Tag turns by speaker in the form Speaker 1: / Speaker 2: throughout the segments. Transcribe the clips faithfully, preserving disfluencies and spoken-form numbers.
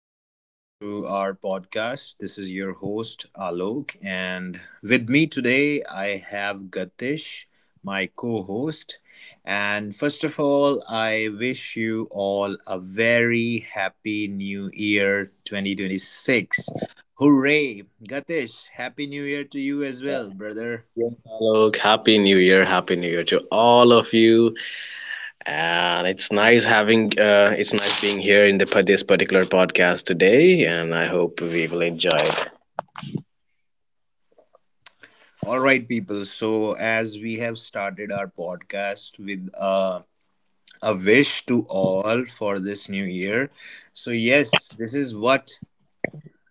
Speaker 1: welcome to our podcast. This is your host Alok, and with me today I have Gatish, my co host. And first of all, I wish you all a very happy new year twenty twenty-six. Hooray! Gatish, happy new year to you as well, brother.
Speaker 2: Yes, Alok. Happy New Year. Happy New Year to all of you. And it's nice having, uh, it's nice being here in the pa- this particular podcast today. And I hope we will enjoy it.
Speaker 1: All right, people. So, as we have started our podcast with a a wish to all for this new year. So, yes, this is what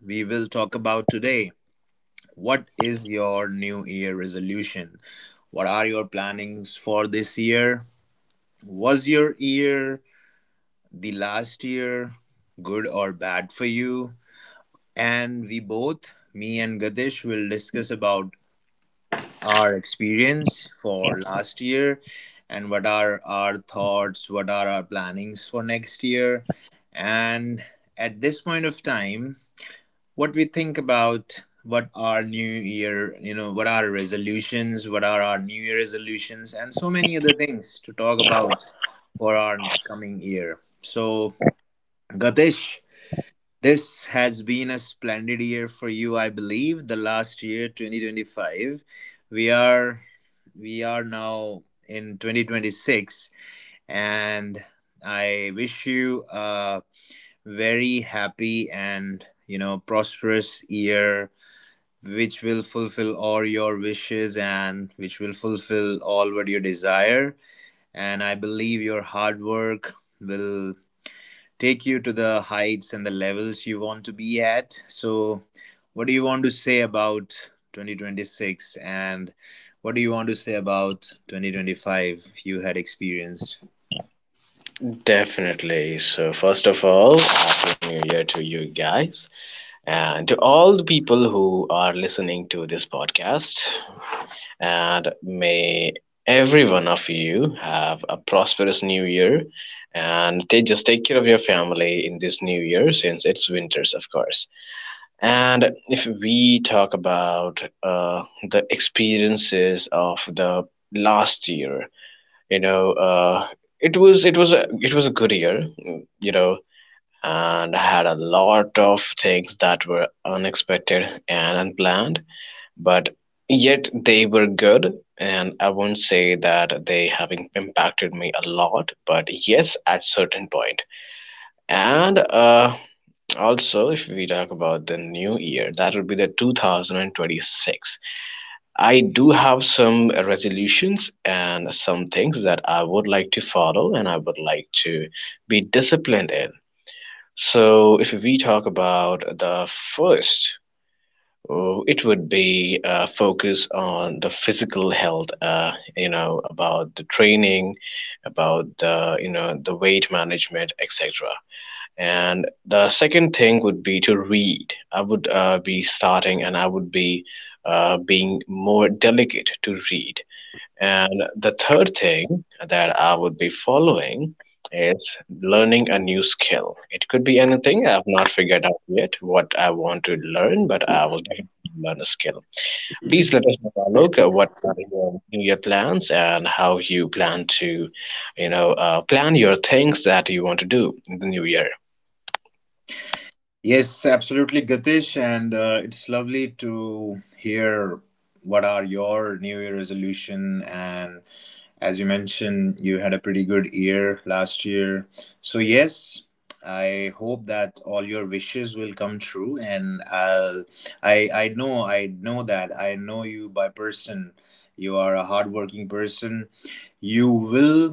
Speaker 1: we will talk about today. What is your new year resolution? What are your plannings for this year? Was your year the last year good or bad for you? And we both, me and Gadesh, will discuss about our experience for last year, and what are our thoughts, what are our plannings for next year. And at this point of time, what we think about what our new year, you know, what are resolutions, what are our new year resolutions, and so many other things to talk about for our coming year. So, Gatish, this has been a splendid year for you, I believe. The last year, twenty twenty-five, we are we are now in twenty twenty-six, and I wish you a very happy and you know prosperous year, which will fulfill all your wishes and which will fulfill all what you desire. And I believe your hard work will take you to the heights and the levels you want to be at. So, what do you want to say about twenty twenty-six, and what do you want to say about twenty twenty-five you had experienced?
Speaker 2: Definitely. So first of all, Happy New Year to you guys and to all the people who are listening to this podcast. And may every one of you have a prosperous new year and take just take care of your family in this new year, since it's winters, of course. And if we talk about uh, the experiences of the last year, you know uh, it was it was a it was a good year. Mm, you know, and I had a lot of things that were unexpected and unplanned, but yet they were good. And I won't say that they having impacted me a lot, but yes, at certain point. And uh also, if we talk about the new year, that would be the two thousand twenty-six, I do have some resolutions and some things that I would like to follow and I would like to be disciplined in. So if we talk about the first, Oh, it would be uh, focus on the physical health, uh, you know, about the training, about the, you know, the weight management, et cetera. And the second thing would be to read. I would uh, be starting and I would be uh, being more delicate to read. And the third thing that I would be following is learning a new skill. It could be anything. I have not figured out yet what I want to learn, but I will definitely learn a skill. Please let us know, Alok, uh, what are your New Year plans and how you plan to, you know, uh, plan your things that you want to do in the new year.
Speaker 1: Yes, absolutely, Gatish. And uh, it's lovely to hear what are your New Year resolution, and as you mentioned, you had a pretty good year last year. So, yes, I hope that all your wishes will come true, and I'll I I know I know that I know you by person. You are a hardworking person. You will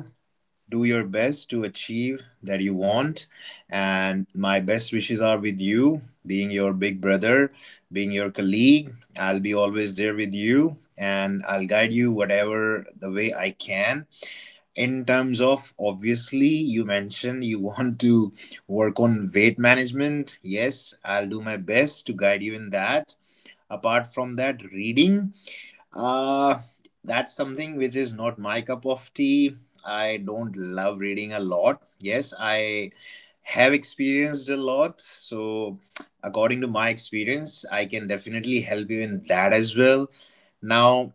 Speaker 1: do your best to achieve that you want, and my best wishes are with you, being your big brother, being your colleague. I'll be always there with you, and I'll guide you whatever the way I can. In terms of, obviously, you mentioned you want to work on weight management. Yes, I'll do my best to guide you in that. Apart from that, reading, uh that's something which is not my cup of tea. I don't love reading a lot. Yes, I have experienced a lot, so according to my experience, I can definitely help you in that as well. Now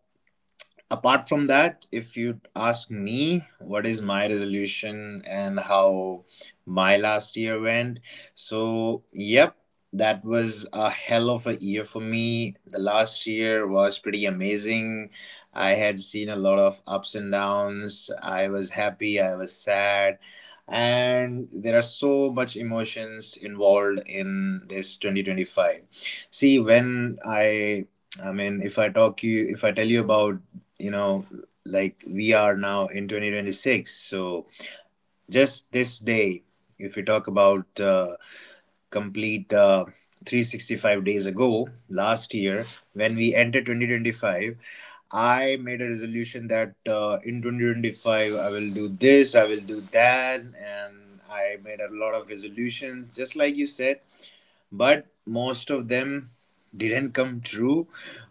Speaker 1: apart from that, if you ask me what is my resolution and how my last year went, so yep, that was a hell of a year for me. The last year was pretty amazing. I had seen a lot of ups and downs. I was happy, I was sad, and there are so much emotions involved in this twenty twenty-five. See, when i i mean, if I talk you if I tell you about, you know like, we are now in twenty twenty-six. So just this day, if we talk about uh, complete uh, three hundred sixty-five days ago last year, when we entered twenty twenty-five, I made a resolution that uh, in two thousand twenty-five I will do this, I will do that. And I made a lot of resolutions, just like you said, but most of them didn't come true,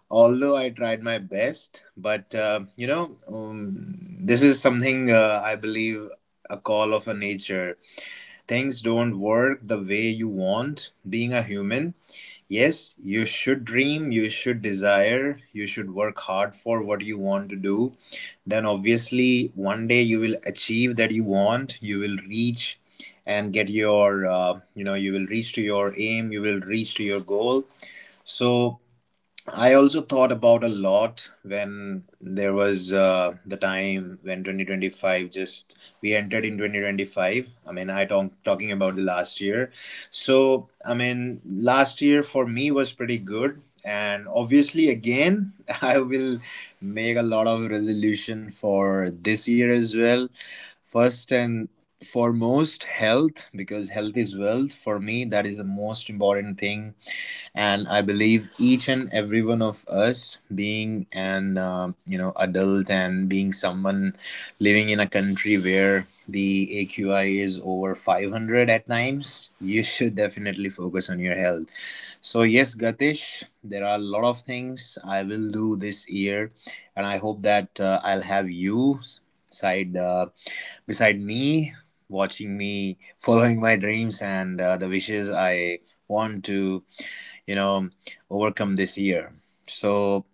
Speaker 1: although I tried my best. But uh, you know um, this is something uh, I believe a call of a nature. Things don't work the way you want, being a human. Yes, you should dream, you should desire, you should work hard for what you want to do. Then, obviously, one day you will achieve that you want. You will reach and get your, uh, you know, you will reach to your aim, you will reach to your goal. So, I also thought about a lot when there was uh, the time when twenty twenty-five, just we entered in twenty twenty-five. I mean, I talk talking about the last year. So, I mean, last year for me was pretty good, and obviously, again, I will make a lot of resolution for this year as well. First and for most, health, because health is wealth for me. That is the most important thing. And I believe each and every one of us, being an um you know adult, and being someone living in a country where the A Q I is over five hundred at times, you should definitely focus on your health. So, yes, Gatish, there are a lot of things I will do this year, and I hope that uh, I'll have you side uh, beside me, watching me, following my dreams, and uh, the wishes I want to, you know, overcome this year. So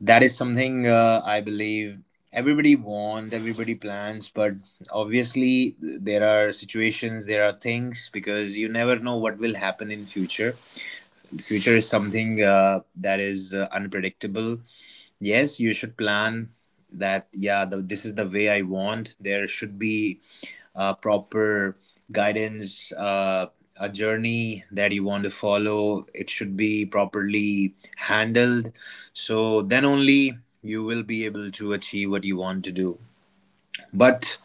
Speaker 1: that is something uh, I believe everybody wants, everybody plans, but obviously there are situations, there are things, because you never know what will happen in future. Future is something uh, that is uh, unpredictable. Yes, you should plan that. Yeah, the, this is the way I want. There should be uh, proper guidance, uh, a journey that you want to follow. It should be properly handled, so then only you will be able to achieve what you want to do. but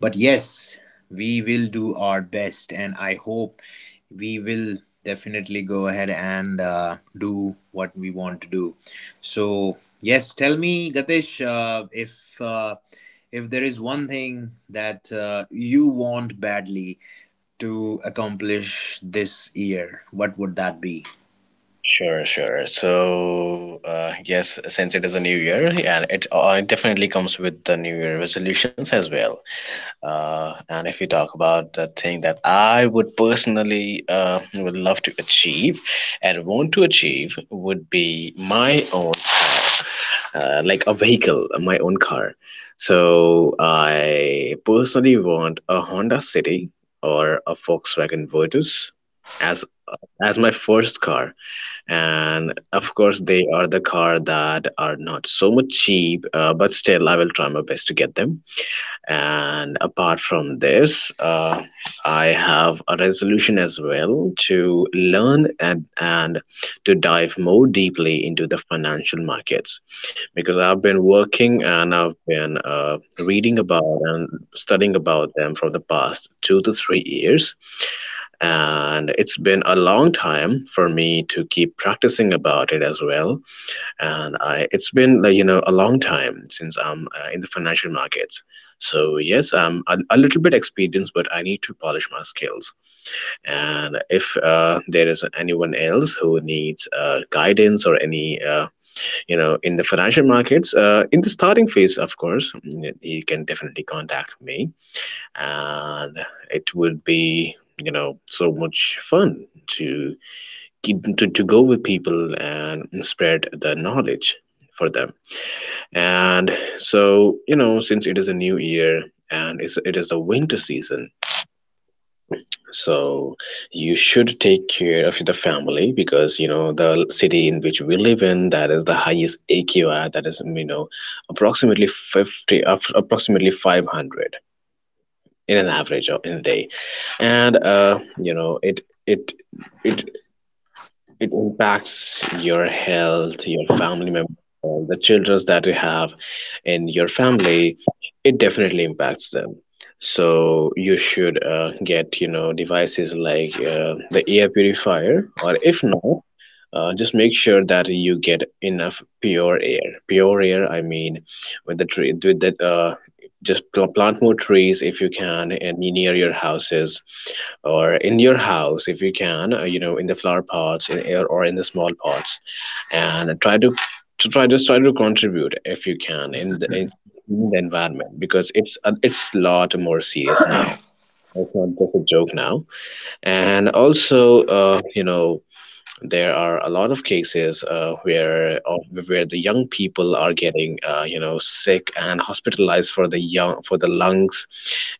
Speaker 1: but yes, we will do our best, and I hope we will definitely go ahead and uh, do what we want to do. So yes, tell me, Gatesh, uh, if uh, if there is one thing that uh, you want badly to accomplish this year, what would that be?
Speaker 2: Sure, sure. So, uh, yes, since it is a new year, and it, uh, it definitely comes with the new year resolutions as well. Uh, and if we talk about the thing that I would personally uh, would love to achieve and want to achieve would be my own car, uh, like a vehicle, my own car. So I personally want a Honda City or a Volkswagen Virtus as as my first car. And of course, they are the car that are not so much cheap, uh, but still I will try my best to get them. And apart from this, uh, I have a resolution as well to learn and, and to dive more deeply into the financial markets, because I've been working and I've been uh, reading about and studying about them for the past two to three years. And it's been a long time for me to keep practicing about it as well. And I it's been, like, you know, a long time since I'm uh, in the financial markets. So yes, I'm a, a little bit experienced, but I need to polish my skills. And if uh, there is anyone else who needs uh, guidance or any uh, you know in the financial markets, uh, in the starting phase, of course, mm, he can definitely contact me. And it would be, you know, so much fun to keep to, to go with people and spread the knowledge for them. And so, you know, since it is a new year and it's, it is a winter season, so you should take care of the family because you know the city in which we live in, that is the highest aqi, that is, you know, approximately fifty of- approximately five hundred in an average or in a day. And uh, you know it it it it impacts your health, your family members, the children that you have in your family, it definitely impacts them. So you should uh, get, you know, devices like uh, the air purifier, or if not, uh, just make sure that you get enough pure air pure air, I mean, with the tree with that, uh, just pl- plant more trees if you can, and near your houses or in your house if you can, uh, you know, in the flower pots in, or or in the small pots. And try to to try just try to contribute if you can in the, in the environment, because it's a, it's a lot more serious now. It's not just a joke now. And also, uh, you know there are a lot of cases, uh, where of, where the young people are getting, uh, you know sick and hospitalized for the young for the lungs,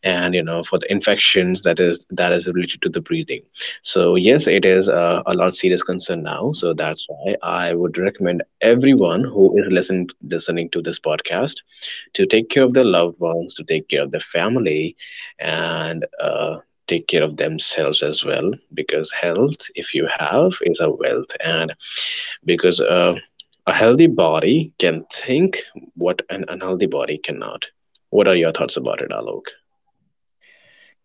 Speaker 2: and you know, for the infections that is that is related to the breathing. So yes, it is uh, a lot serious concern now. So that's why I would recommend everyone who is listening listening to this podcast to take care of their loved ones, to take care of their family, and uh, take care of themselves as well, because health, if you have, is a wealth. And because uh, a healthy body can think what an unhealthy body cannot. What are your thoughts about it, Alok?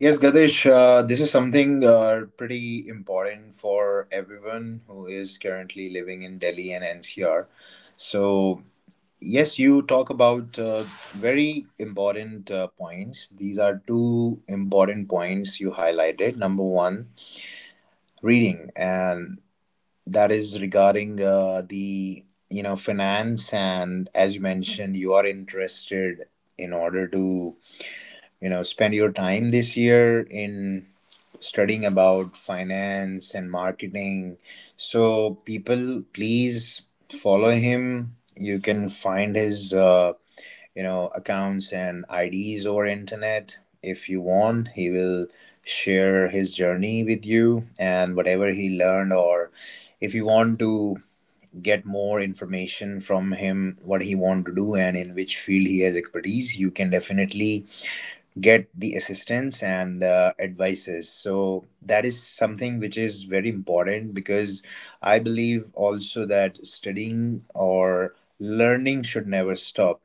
Speaker 1: Yes, Gadesh, uh, this is something uh, pretty important for everyone who is currently living in Delhi and N C R. So, yes, you talk about uh, very important uh, points. These are two important points you highlighted. Number one, reading, and that is regarding uh, the you know finance. And as you mentioned, you are interested in order to you know spend your time this year in studying about finance and marketing. So, people, please follow him. You can find his, uh, you know, accounts and I Ds over internet if you want. He will share his journey with you and whatever he learned. Or, if you want to get more information from him, what he want to do and in which field he has expertise, you can definitely get the assistance and the advices. So that is something which is very important, because I believe also that studying or learning should never stop.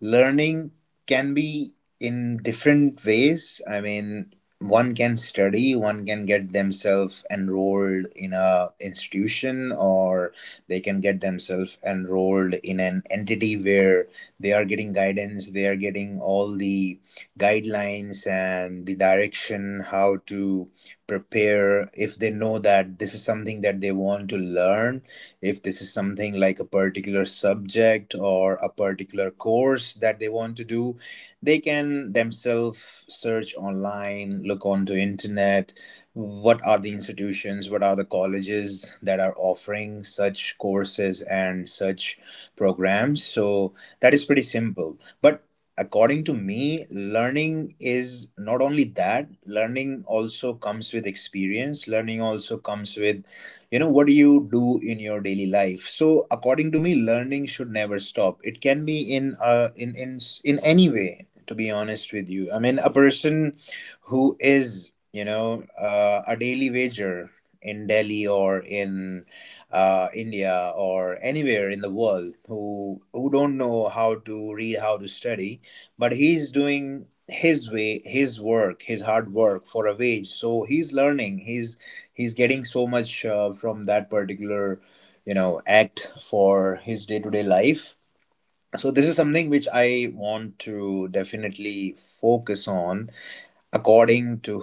Speaker 1: Learning can be in different ways. I mean, one can study, one can get themselves enrolled in a institution, or they can get themselves enrolled in an entity where they are getting guidance, they are getting all the guidelines and the direction how to prepare. If they know that this is something that they want to learn, if this is something like a particular subject or a particular course that they want to do, they can themselves search online, look onto internet what are the institutions, what are the colleges that are offering such courses and such programs. So that is pretty simple. But according to me, learning is not only that. Learning also comes with experience. Learning also comes with, you know, what do you do in your daily life. So according to me, learning should never stop. It can be in uh in in in any way, to be honest with you. I mean, a person who is, you know uh, a daily wager in Delhi, or in uh, India, or anywhere in the world, who who don't know how to read, how to study, but he's doing his way, his work, his hard work for a wage. So he's learning. He's he's getting so much uh, from that particular, you know act, for his day-to-day life. So this is something which I want to definitely focus on. According to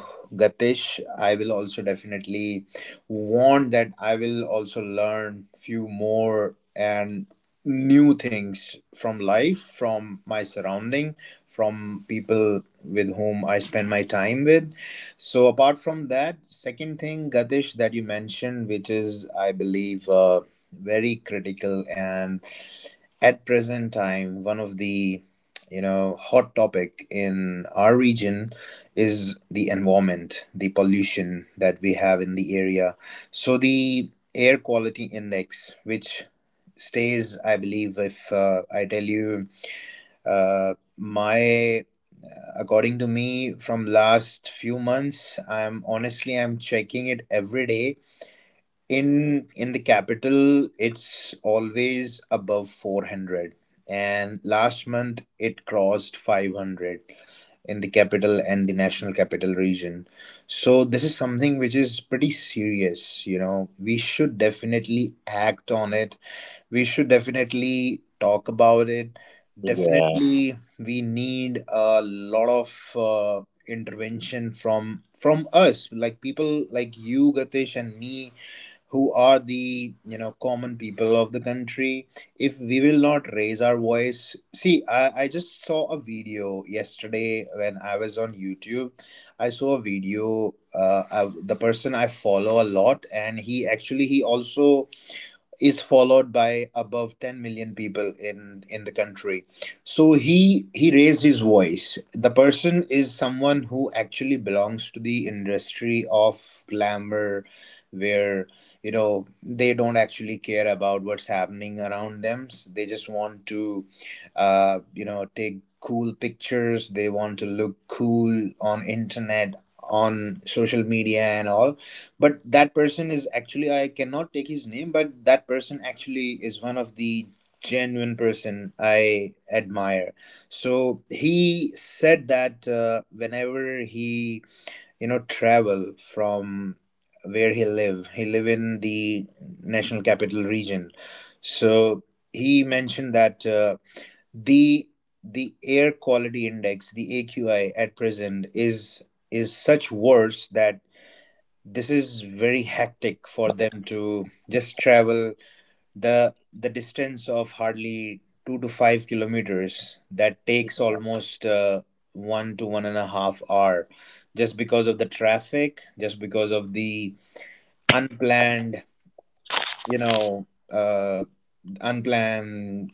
Speaker 1: Gatish, I will also definitely want that I will also learn few more and new things from life, from my surrounding, from people with whom I spend my time with. So apart from that, second thing, Gatish, that you mentioned, which is, I believe, uh, very critical, and at present time, one of the you know hot topic in our region, is the environment, the pollution that we have in the area. So the air quality index, which stays, I believe, if uh, I tell you, uh, my according to me, from last few months, I'm honestly I'm checking it every day. In in the capital, it's always above four hundred, and last month it crossed five hundred in the capital and the national capital region. So this is something which is pretty serious. you know we should definitely act on it. We should definitely talk about it.
Speaker 2: Yeah
Speaker 1: Definitely we need a lot of uh, intervention from from us, like people like you, Gatesh, and me, who are the, you know common people of the country. If we will not raise our voice, see, i, I just saw a video yesterday when I was on YouTube. I saw a video, uh, I, the person I follow a lot, and he actually he also is followed by above ten million people in in the country. So he he raised his voice. The person is someone who actually belongs to the industry of glamour, where you know they don't actually care about what's happening around them. They just want to uh, you know take cool pictures. They want to look cool on internet, on social media and all. But that person is actually, I cannot take his name, but that person actually is one of the genuine person I admire. So he said that uh, whenever he you know travel from where he live, he live in the national capital region. So he mentioned that uh, the the air quality index, the AQI at present is is such worse that this is very hectic for them to just travel the the distance of hardly two to five kilometers, that takes almost uh, one to one and a half hour, just because of the traffic, just because of the unplanned, you know, uh, unplanned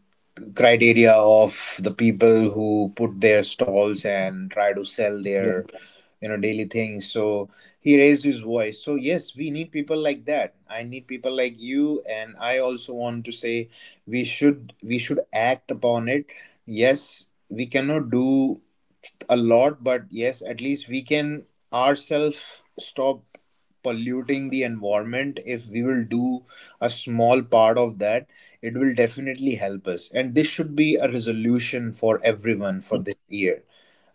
Speaker 1: criteria of the people who put their stalls and try to sell their you know daily things. So he raised his voice. So yes, we need people like that. I need people like you, and I also want to say we should we should act upon it. Yes, we cannot do a lot, but yes, at least we can ourselves stop polluting the environment. If we will do a small part of that, it will definitely help us, and this should be a resolution for everyone for this year,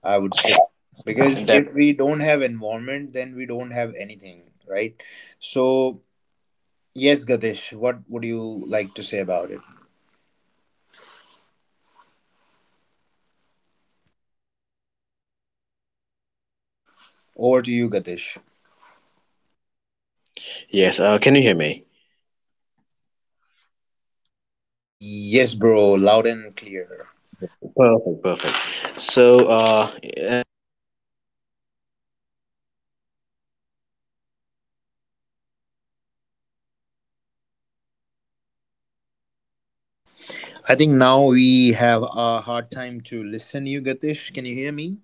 Speaker 1: I would say. Because
Speaker 2: def-
Speaker 1: if we don't have environment, then we don't have anything, right? So yes, Gadish, what would you like to say about it? Over to you, Gadish.
Speaker 2: yes, uh, can you hear me?
Speaker 1: Yes, bro, loud and clear.
Speaker 2: Perfect, perfect. So, uh,
Speaker 1: I think now we have a hard time to listen you, Gatish. Can you hear me?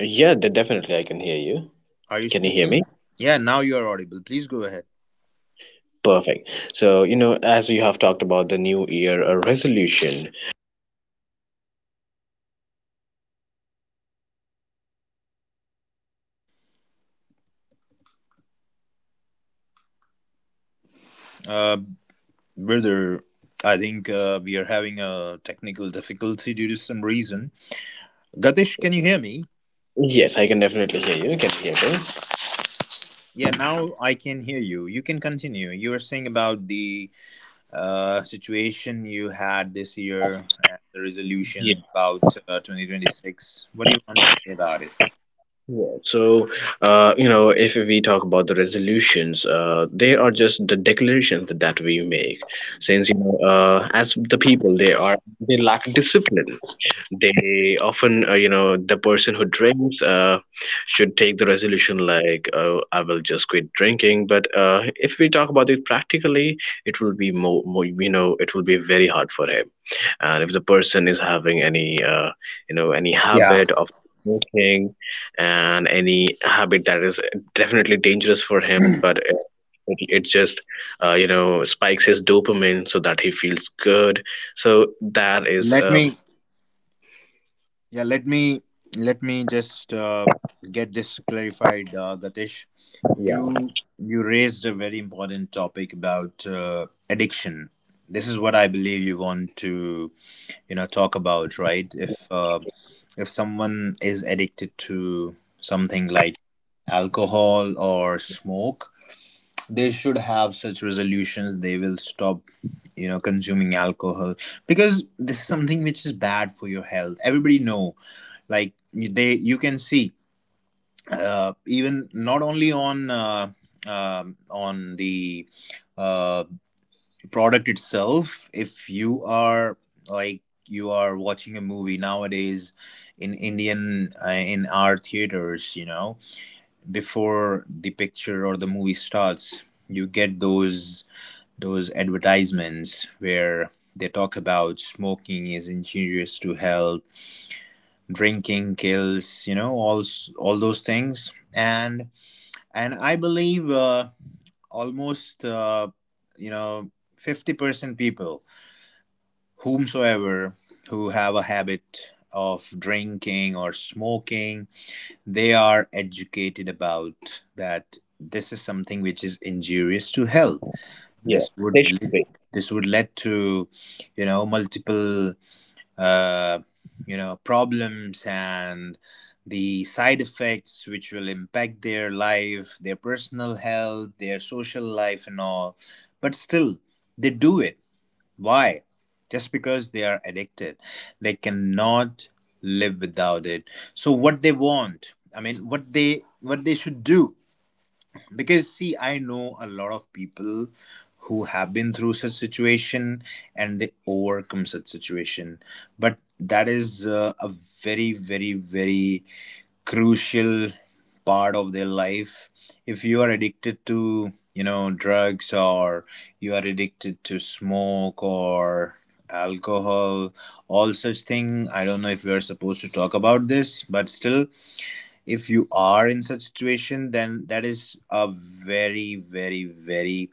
Speaker 2: yeah de- definitely I can hear you.
Speaker 1: Are you
Speaker 2: Can you hear me?
Speaker 1: speaking? Yeah, now you are audible. Please go ahead.
Speaker 2: Perfect. So, you know, as you have talked about the new year uh, resolution.
Speaker 1: Uh, Brother, I think uh, we are having a technical difficulty due to some reason. Gatish, can you hear me?
Speaker 2: Yes, I can definitely hear you. Can you hear me?
Speaker 1: Yeah, now I can hear you. You can continue. You were saying about the uh, situation you had this year and the resolutions about uh, twenty twenty-six. What do you want to say about it?
Speaker 2: Yeah. So, uh, you know, if we talk about the resolutions, uh, they are just the declarations that we make. Since, you know, uh, as the people, they are they lack discipline. They often, uh, you know, the person who drinks, uh, should take the resolution like, oh, I will just quit drinking. But uh, if we talk about it practically, it will be more, more, you know, it will be very hard for him. And if the person is having any, uh, you know, any
Speaker 1: Yeah,
Speaker 2: habit of smoking and any habit that is definitely dangerous for him, but it, it, it just, uh, you know, spikes his dopamine so that he feels good. So that is
Speaker 1: let
Speaker 2: um,
Speaker 1: me. Yeah, let me let me just uh, get this clarified, uh, Gatish. You you raised a very important topic about uh, addiction. This is what I believe you want to you know talk about, right? If uh, if someone is addicted to something like alcohol or smoke, they should have such resolutions. They will stop you know consuming alcohol, because this is something which is bad for your health. Everybody know, like, they you can see uh, even not only on uh, um on the uh, product itself, if you are like you are watching a movie nowadays in indian uh, in our theaters, you know, before the picture or the movie starts, you get those those advertisements where they talk about smoking is injurious to health, drinking kills, you know, all s- all those things. And and I believe uh, almost uh, you know fifty percent people, whomsoever who have a habit of drinking or smoking, they are educated about that this is something which is injurious to health.
Speaker 2: yeah
Speaker 1: this
Speaker 2: they
Speaker 1: would
Speaker 2: should
Speaker 1: lead,
Speaker 2: be.
Speaker 1: this would lead to you know multiple uh, you know problems and the side effects which will impact their life, their personal health, their social life and all. But still they do it. Why? Just because they are addicted. They cannot live without it. So what they want, I mean what they what they should do. Because see, I know a lot of people who have been through such situation and they overcome such situation, but that is uh, a very very very crucial part of their life. If you are addicted to you know drugs, or you are addicted to smoke or alcohol, all such thing, I don't know if we are supposed to talk about this, but still, if you are in such situation, then that is a very very very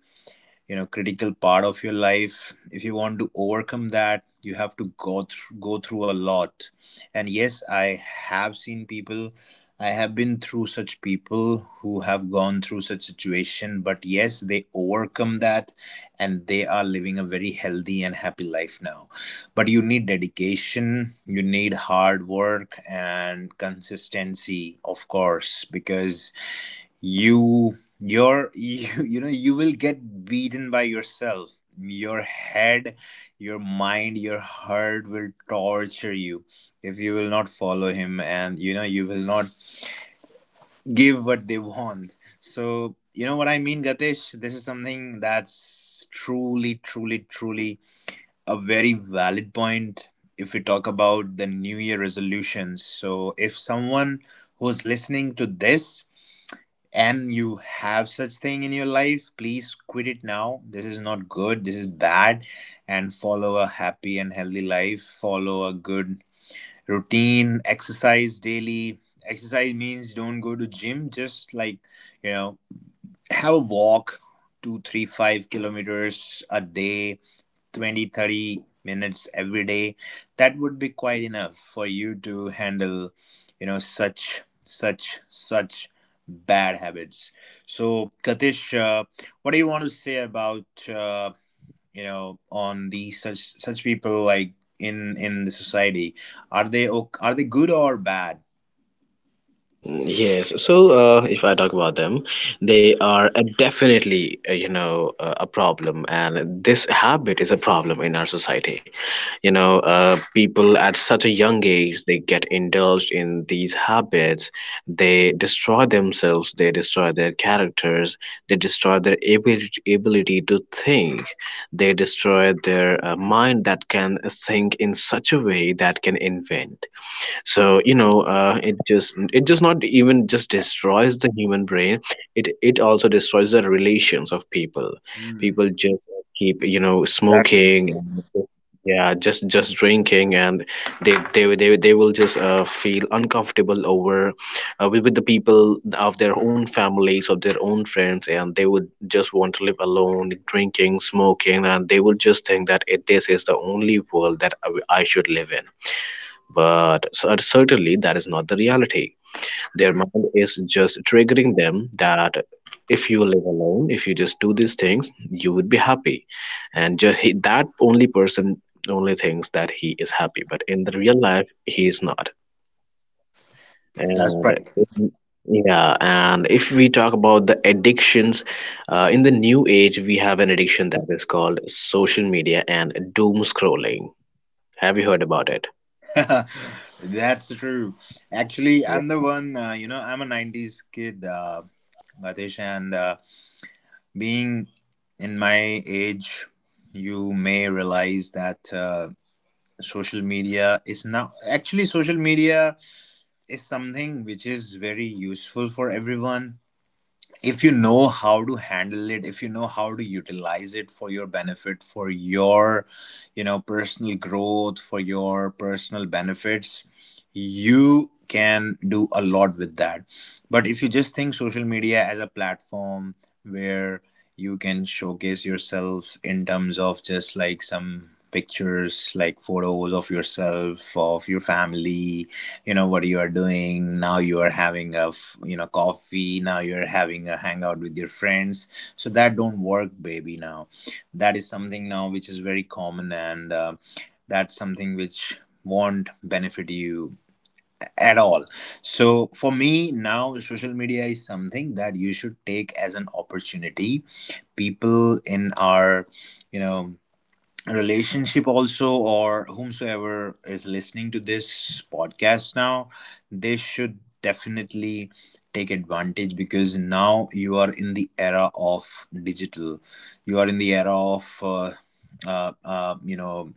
Speaker 1: you know critical part of your life. If you want to overcome that, you have to go through go through a lot. And yes, I have seen people, I have been through such people who have gone through such situation, but yes, they overcome that, and they are living a very healthy and happy life now. But you need dedication, you need hard work and consistency, of course, because you your you, you know you will get beaten by yourself, your head, your mind, your heart will torture you if you will not follow him, and you know you will not give what they want. So you know what I mean, Gatesh, this is something that's truly truly truly a very valid point. If we talk about the new year resolutions, so if someone who's listening to this and you have such thing in your life, please quit it now. This is not good, this is bad. And follow a happy and healthy life. Follow a good routine, exercise daily. Exercise means don't go to gym, just like you know have a walk two three five kilometers a day. Twenty thirty minutes every day, that would be quite enough for you to handle you know such such such bad habits. So Katish, uh, what do you want to say about uh, you know on these such such people, like in in the society? Are they ok- are they good or bad?
Speaker 2: Yes. So, uh, if I talk about them, they are a definitely, uh, you know, uh, a problem, and this habit is a problem in our society. You know, uh, people at such a young age, they get indulged in these habits. They destroy themselves. They destroy their characters. They destroy their ability ability to think. They destroy their uh, mind that can think in such a way that can invent. So, you know, uh, it just it just not even just destroys the human brain, it it also destroys the relations of people.
Speaker 1: Hmm,
Speaker 2: People just keep, you know,
Speaker 1: exactly.
Speaker 2: smoking and yeah, just just drinking. And they they will- they, will- they will just, uh, feel uncomfortable over, uh, with, with the people of their own families, of their own friends, and they would just want to live alone drinking, smoking. And they would just think that, it, this is the only world that I, I should live in. But cer- certainly that is not the reality. Their mind is just triggering them that if you live alone, if you just do these things, you would be happy. And just he, that only person only thinks that he is happy. But in the real life, he is not.
Speaker 1: That's
Speaker 2: And
Speaker 1: right.
Speaker 2: in- yeah, and if we talk about the addictions, uh, in the new age, we have an addiction that is called social media and doom scrolling. Have you heard about it?
Speaker 1: That's true. Actually, I'm the
Speaker 2: Yeah.
Speaker 1: one, uh, you know, I'm a nineties kid, uh, Gatesh, and uh, being in my age, you may realize that uh, social media is now actually, social media is something which is very useful for everyone if you know how to handle it, if you know how to utilize it for your benefit, for your you know personal growth, for your personal benefits. You can do a lot with that. But if you just think social media as a platform where you can showcase yourself in terms of just like some pictures, like photos of yourself, of your family, you know what you are doing now, you are having a f- you know coffee, now you're having a hangout with your friends. So that don't work, baby. Now that is something now which is very common, and uh, that's something which won't benefit you at all. So for me now social media is something that you should take as an opportunity. People in our you know relationship also, or whomsoever is listening to this podcast now, they should definitely take advantage, because now you are in the era of digital, you are in the era of uh, uh, uh, you know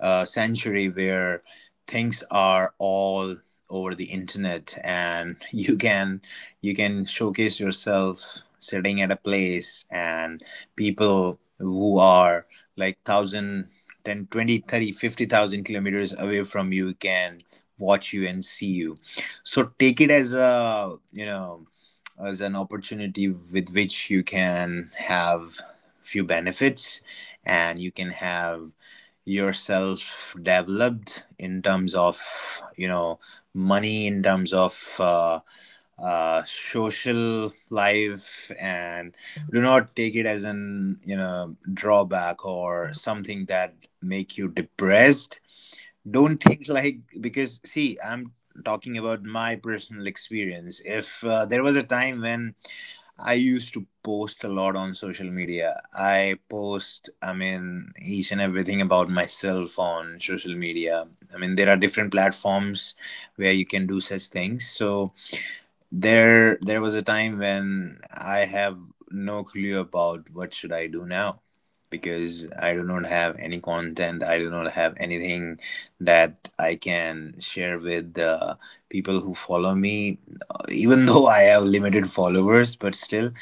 Speaker 1: uh, century, where things are all over the internet, and you can you can showcase yourself sitting at a place, and people who are like one thousand ten twenty thirty fifty thousand kilometers away from you can watch you and see you. So take it as a you know as an opportunity with which you can have few benefits, and you can have yourself developed in terms of you know money, in terms of uh, uh, social life, and do not take it as an you know drawback or something that make you depressed. Don't think like, because see, I'm talking about my personal experience. If uh, There was a time when I used to post a lot on social media. I post, I mean, each and everything about myself on social media. I mean, there are different platforms where you can do such things, so there, there was a time when I have no clue about what should I do now, because I do not have any content. I do not have anything that I can share with the people who follow me. Even though I have limited followers, but still,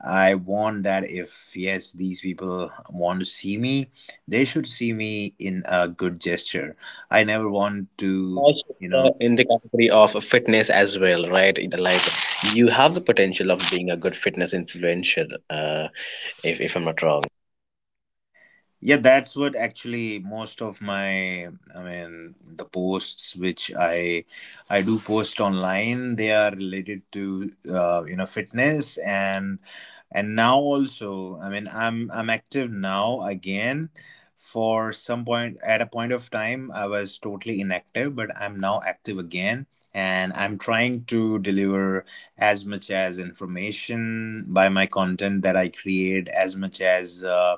Speaker 1: I want that if yes, these people want to see me, they should see me in a good gesture. I never want to,
Speaker 2: Also, in
Speaker 1: you know.
Speaker 2: the in the category of fitness as well, right? It- like, you have the potential of being a good fitness influencer, uh, if, if I'm not wrong.
Speaker 1: Yeah, that's what actually most of my, I mean, the posts which I I do post online, they are related to uh, you know fitness. And and now also, I mean, I'm I'm active now again. For some point, at a point of time, I was totally inactive, but I'm now active again, and I'm trying to deliver as much as information by my content that I create, as much as. Uh,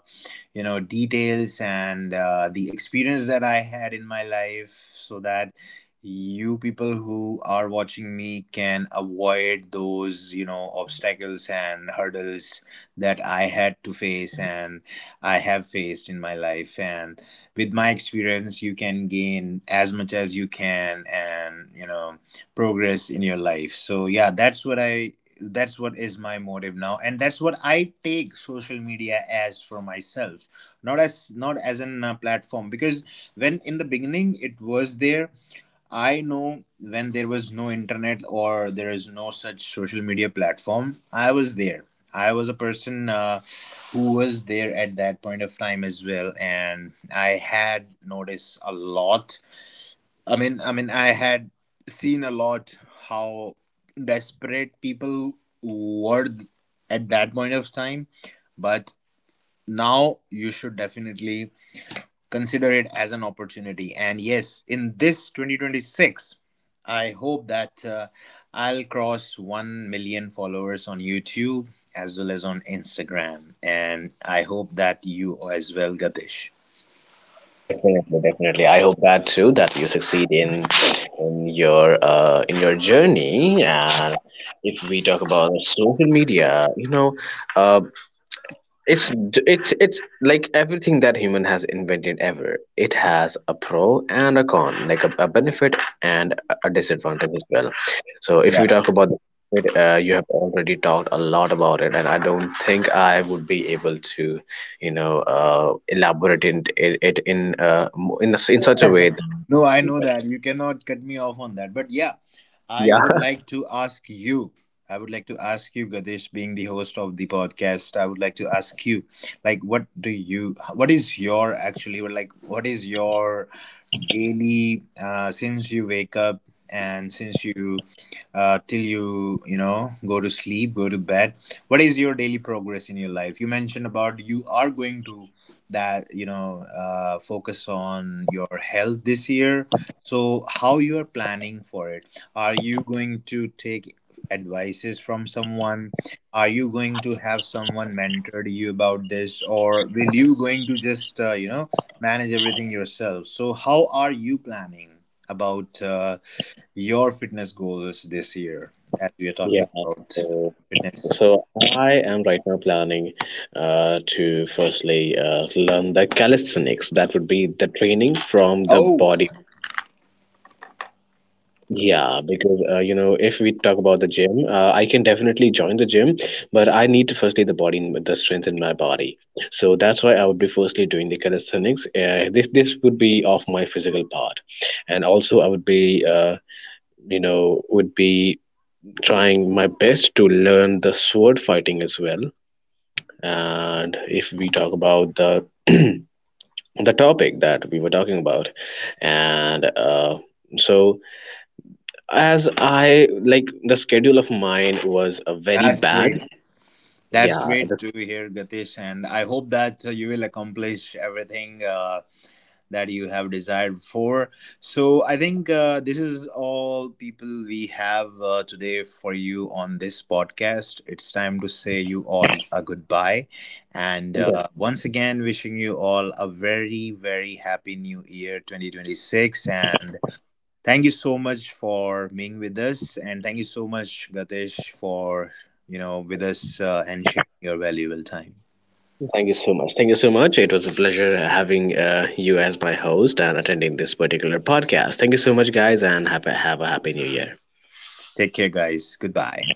Speaker 1: You know details and uh, the experience that I had in my life, so that you people who are watching me can avoid those you know obstacles and hurdles that I had to face and I have faced in my life, and with my experience you can gain as much as you can and you know progress in your life. So yeah, that's what i that's what is my motive now, and that's what I take social media as for myself, not as not as an uh, platform, because when in the beginning it was there, I know when there was no internet or there is no such social media platform, I was there. I was a person uh, who was there at that point of time as well, and I had noticed a lot. I mean i mean I had seen a lot how desperate people were th- at that point of time. But now you should definitely consider it as an opportunity, and yes, in this twenty twenty-six I hope that uh, I'll cross one million followers on youtube as well as on instagram, and I hope that you as well, Gatish.
Speaker 2: Definitely, definitely, I hope that too, that you succeed in in your, uh, in your journey. And if we talk about social media, you know, uh, It's d- it's it's like everything that human has invented ever. It has a pro and a con, like a, a benefit and a a disadvantage as well. So if we
Speaker 1: Yeah.
Speaker 2: talk about the benefit, uh, you have already talked a lot about it, and I don't think I would be able to, you know, uh, elaborate in it, it in uh, mo- in a s in such a way that
Speaker 1: No, I
Speaker 2: would
Speaker 1: know
Speaker 2: be better.
Speaker 1: that. You cannot cut me off on that. But yeah, I
Speaker 2: Yeah.
Speaker 1: would like to ask you. I would like to ask you, Gadesh, being the host of the podcast, I would like to ask you, like, what do you, what is your, actually, like, what is your daily, uh, since you wake up and since you, uh, till you, you know, go to sleep, go to bed, what is your daily progress in your life? You mentioned about you are going to that you know uh, focus on your health this year, so how you are planning for it? Are you going to take advices from someone? Are you going to have someone mentored you about this, or will you going to just uh, you know manage everything yourself? So how are you planning about uh, your fitness goals this year, as we are talking about
Speaker 2: Yeah.
Speaker 1: fitness.
Speaker 2: So I am right now planning uh, to firstly uh, learn the calisthenics. That would be the training from the
Speaker 1: Oh,
Speaker 2: body. Yeah, because, uh, you know, if we talk about the gym, uh, I can definitely join the gym, but I need to firstly the body, in- the strength in my body. So that's why I would be firstly doing the calisthenics. Uh, this this would be of my physical part, and also I would be, uh, you know would be trying my best to learn the sword fighting as well. And if we talk about the the topic that we were talking about. And uh, so, as I like, the schedule of mine was a very
Speaker 1: that's
Speaker 2: bad
Speaker 1: great. That's
Speaker 2: yeah
Speaker 1: great
Speaker 2: the-
Speaker 1: to hear, Gatish, and I hope that uh, you will accomplish everything uh, that you have desired for. So, I think uh, this is all people we have uh, today for you on this podcast. It's time to say you all a goodbye, and uh,
Speaker 2: yeah.
Speaker 1: once again, wishing you all a very, very happy new year twenty twenty-six. And thank you so much for being with us, and thank you so much, Gatesh, for you know with us uh, and sharing your valuable time.
Speaker 2: Thank you so much, thank you so much. It was a pleasure having, uh, you as my host and attending this particular podcast. Thank you so much, guys, and have a, have a happy new year.
Speaker 1: Take care, guys. Goodbye.